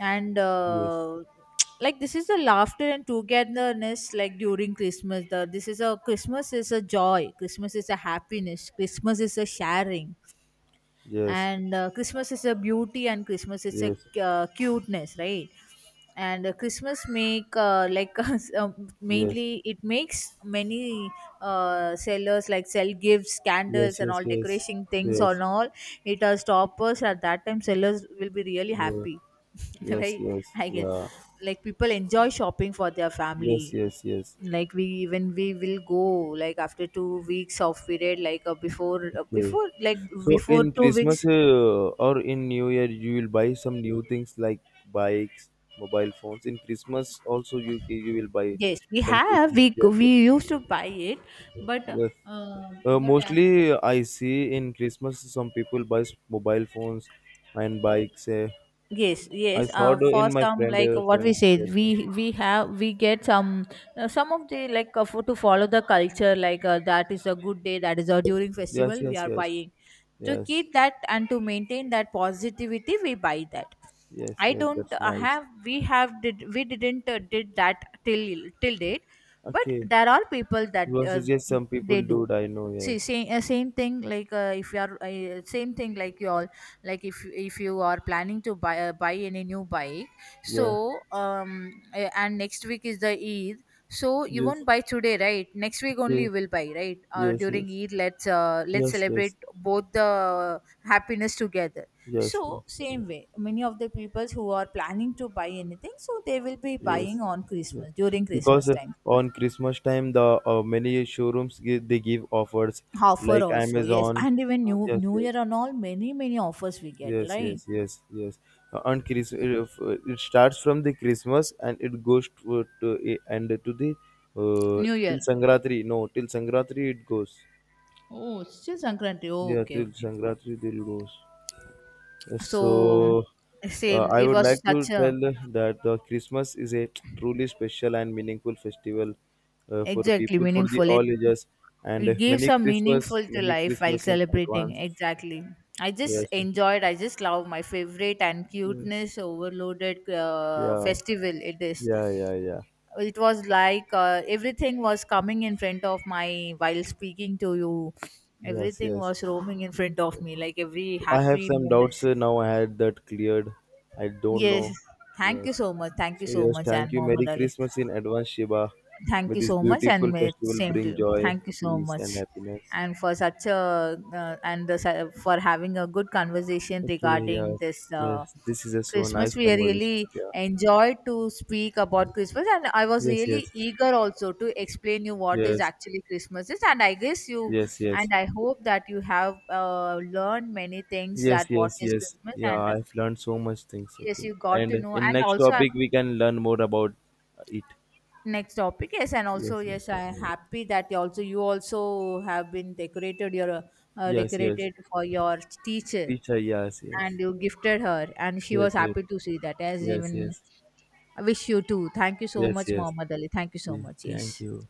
[SPEAKER 2] And
[SPEAKER 1] Yes.
[SPEAKER 2] like this is the laughter and togetherness like during Christmas. The This is a Christmas is a joy. Christmas is a happiness. Christmas is a sharing,
[SPEAKER 1] Yes.
[SPEAKER 2] and Christmas is a beauty, and Christmas is a,
[SPEAKER 1] Yes.
[SPEAKER 2] cuteness, right? And Christmas make, like
[SPEAKER 1] Yes.
[SPEAKER 2] mainly it makes many sellers like sell gifts, candles
[SPEAKER 1] Yes.
[SPEAKER 2] and
[SPEAKER 1] Yes.
[SPEAKER 2] all
[SPEAKER 1] Yes.
[SPEAKER 2] decoration things
[SPEAKER 1] Yes.
[SPEAKER 2] on all. It has toppers at that time, sellers will be really
[SPEAKER 1] Yes.
[SPEAKER 2] happy,
[SPEAKER 1] Yes.
[SPEAKER 2] right,
[SPEAKER 1] Yes.
[SPEAKER 2] I guess,
[SPEAKER 1] Yeah.
[SPEAKER 2] like people enjoy shopping for their
[SPEAKER 1] Yes.
[SPEAKER 2] family.
[SPEAKER 1] Yes. Yes.
[SPEAKER 2] Like we, even we will go like after 2 weeks of period, like, before uh,
[SPEAKER 1] Okay.
[SPEAKER 2] before like
[SPEAKER 1] So
[SPEAKER 2] before
[SPEAKER 1] in
[SPEAKER 2] two
[SPEAKER 1] Christmas
[SPEAKER 2] weeks
[SPEAKER 1] or in New Year, you will buy some new things like bikes, mobile phones. In Christmas also, you will buy
[SPEAKER 2] Yes, we
[SPEAKER 1] some
[SPEAKER 2] have.
[SPEAKER 1] Christmas. Yes,
[SPEAKER 2] We
[SPEAKER 1] yes.
[SPEAKER 2] used to buy it, but
[SPEAKER 1] Yes.
[SPEAKER 2] uh,
[SPEAKER 1] Uh,
[SPEAKER 2] but as,
[SPEAKER 1] mostly, uh, I see in Christmas some people buy mobile phones and bikes. Uh,
[SPEAKER 2] yes,
[SPEAKER 1] I
[SPEAKER 2] yes.
[SPEAKER 1] saw it
[SPEAKER 2] For
[SPEAKER 1] in my
[SPEAKER 2] some,
[SPEAKER 1] friend.
[SPEAKER 2] like
[SPEAKER 1] Uh,
[SPEAKER 2] what we
[SPEAKER 1] friend.
[SPEAKER 2] say,
[SPEAKER 1] Yes,
[SPEAKER 2] we get some, some of the, like, for, to follow the culture. Like, that is a good day, that is a during
[SPEAKER 1] yes,
[SPEAKER 2] festival, we
[SPEAKER 1] yes,
[SPEAKER 2] are
[SPEAKER 1] yes,
[SPEAKER 2] buying
[SPEAKER 1] yes,
[SPEAKER 2] to
[SPEAKER 1] yes,
[SPEAKER 2] keep that and to maintain that positivity. We buy that.
[SPEAKER 1] yes.
[SPEAKER 2] I
[SPEAKER 1] Yes,
[SPEAKER 2] don't
[SPEAKER 1] that's nice.
[SPEAKER 2] have. We didn't did that till date, but
[SPEAKER 1] Okay.
[SPEAKER 2] there are people that,
[SPEAKER 1] You also suggest some people
[SPEAKER 2] they do.
[SPEAKER 1] do it. I know.
[SPEAKER 2] See,
[SPEAKER 1] Yes.
[SPEAKER 2] same, same thing, like, if you are, same thing like you all, like, if you are planning to buy, buy any new bike, so,
[SPEAKER 1] Yeah.
[SPEAKER 2] um and next week is the Eid, so you
[SPEAKER 1] Yes.
[SPEAKER 2] won't buy today, right, next week only
[SPEAKER 1] Okay.
[SPEAKER 2] you will buy, right,
[SPEAKER 1] Yes.
[SPEAKER 2] during
[SPEAKER 1] Yes.
[SPEAKER 2] Eid, let's
[SPEAKER 1] Yes,
[SPEAKER 2] celebrate
[SPEAKER 1] yes,
[SPEAKER 2] both the happiness together.
[SPEAKER 1] yes,
[SPEAKER 2] So
[SPEAKER 1] yes,
[SPEAKER 2] same way, many of the people who are planning to buy anything, so they will be
[SPEAKER 1] yes.
[SPEAKER 2] buying on
[SPEAKER 1] Yes.
[SPEAKER 2] Christmas, during
[SPEAKER 1] Because
[SPEAKER 2] Christmas time.
[SPEAKER 1] on Christmas time, the many showrooms they give offers
[SPEAKER 2] Offer
[SPEAKER 1] like
[SPEAKER 2] also, yes,
[SPEAKER 1] Amazon.
[SPEAKER 2] and even
[SPEAKER 1] Yes,
[SPEAKER 2] new
[SPEAKER 1] yes,
[SPEAKER 2] year and all, many many offers we get,
[SPEAKER 1] yes,
[SPEAKER 2] right?
[SPEAKER 1] yes, yes, yes. Uh, on Chris, uh, it starts from the Christmas and it goes to, and to the
[SPEAKER 2] New
[SPEAKER 1] till
[SPEAKER 2] year.
[SPEAKER 1] Sangratri. No, till Sangratri it goes.
[SPEAKER 2] Oh, still Sankranti. Oh,
[SPEAKER 1] Yeah,
[SPEAKER 2] okay,
[SPEAKER 1] till
[SPEAKER 2] okay.
[SPEAKER 1] Sangratri it goes.
[SPEAKER 2] So
[SPEAKER 1] So,
[SPEAKER 2] same,
[SPEAKER 1] I
[SPEAKER 2] it
[SPEAKER 1] would
[SPEAKER 2] was
[SPEAKER 1] like to
[SPEAKER 2] such a,
[SPEAKER 1] tell that Christmas is a truly special and meaningful festival for
[SPEAKER 2] exactly,
[SPEAKER 1] people for the
[SPEAKER 2] meaningful.
[SPEAKER 1] all ages, and
[SPEAKER 2] It gives a meaningful to
[SPEAKER 1] Many
[SPEAKER 2] life while
[SPEAKER 1] Christmas in
[SPEAKER 2] celebrating,
[SPEAKER 1] advance.
[SPEAKER 2] exactly. I just
[SPEAKER 1] Yes,
[SPEAKER 2] enjoyed, I just love, my favorite and
[SPEAKER 1] yes,
[SPEAKER 2] cuteness overloaded
[SPEAKER 1] yeah,
[SPEAKER 2] festival it is.
[SPEAKER 1] yeah, yeah, yeah.
[SPEAKER 2] It was like, everything was coming in front of my while speaking to you.
[SPEAKER 1] Yes,
[SPEAKER 2] Everything
[SPEAKER 1] yes.
[SPEAKER 2] was roaming in front of me, like every
[SPEAKER 1] So I have
[SPEAKER 2] happy
[SPEAKER 1] some doubts
[SPEAKER 2] moments.
[SPEAKER 1] now. I had that cleared. I don't
[SPEAKER 2] Yes,
[SPEAKER 1] know.
[SPEAKER 2] thank you
[SPEAKER 1] Yes.
[SPEAKER 2] so much, thank you
[SPEAKER 1] So
[SPEAKER 2] so
[SPEAKER 1] yes,
[SPEAKER 2] much, and
[SPEAKER 1] thank you.
[SPEAKER 2] Muhammad
[SPEAKER 1] Merry
[SPEAKER 2] Ali.
[SPEAKER 1] Christmas in advance, Shiva. May
[SPEAKER 2] Thank you
[SPEAKER 1] this
[SPEAKER 2] so much, and
[SPEAKER 1] beautiful
[SPEAKER 2] may
[SPEAKER 1] festival
[SPEAKER 2] same to
[SPEAKER 1] bring
[SPEAKER 2] you.
[SPEAKER 1] joy,
[SPEAKER 2] Thank you so
[SPEAKER 1] peace,
[SPEAKER 2] much,
[SPEAKER 1] and happiness.
[SPEAKER 2] and for such a, and for having a good conversation
[SPEAKER 1] Okay,
[SPEAKER 2] regarding
[SPEAKER 1] yes,
[SPEAKER 2] this
[SPEAKER 1] yes. This is a so
[SPEAKER 2] Christmas.
[SPEAKER 1] nice
[SPEAKER 2] We
[SPEAKER 1] conversation.
[SPEAKER 2] really
[SPEAKER 1] Yeah.
[SPEAKER 2] enjoyed to speak about Christmas, and I was
[SPEAKER 1] Yes,
[SPEAKER 2] really
[SPEAKER 1] yes,
[SPEAKER 2] eager also to explain you what is
[SPEAKER 1] yes,
[SPEAKER 2] actually Christmas is. And I guess you,
[SPEAKER 1] yes, yes,
[SPEAKER 2] and I hope that you have learned many things
[SPEAKER 1] yes,
[SPEAKER 2] that what
[SPEAKER 1] yes,
[SPEAKER 2] is
[SPEAKER 1] yes.
[SPEAKER 2] Christmas,
[SPEAKER 1] Yeah,
[SPEAKER 2] and
[SPEAKER 1] I've learned so much things.
[SPEAKER 2] yes,
[SPEAKER 1] Okay,
[SPEAKER 2] you got to
[SPEAKER 1] and
[SPEAKER 2] know,
[SPEAKER 1] in
[SPEAKER 2] and
[SPEAKER 1] next
[SPEAKER 2] also
[SPEAKER 1] topic we can learn more about it.
[SPEAKER 2] next topic. Yes, and also,
[SPEAKER 1] Yes, yes,
[SPEAKER 2] yes I am happy that you also, have been decorated your,
[SPEAKER 1] yes, yes.
[SPEAKER 2] decorated for your teacher,
[SPEAKER 1] Teacher, yes, yes,
[SPEAKER 2] and you gifted her, and she
[SPEAKER 1] yes,
[SPEAKER 2] was
[SPEAKER 1] yes,
[SPEAKER 2] happy to see that, as even
[SPEAKER 1] yes,
[SPEAKER 2] I wish you too. Thank you so
[SPEAKER 1] yes,
[SPEAKER 2] much,
[SPEAKER 1] yes,
[SPEAKER 2] Mohammed Ali, thank you so
[SPEAKER 1] yes.
[SPEAKER 2] much, yes.
[SPEAKER 1] Thank you.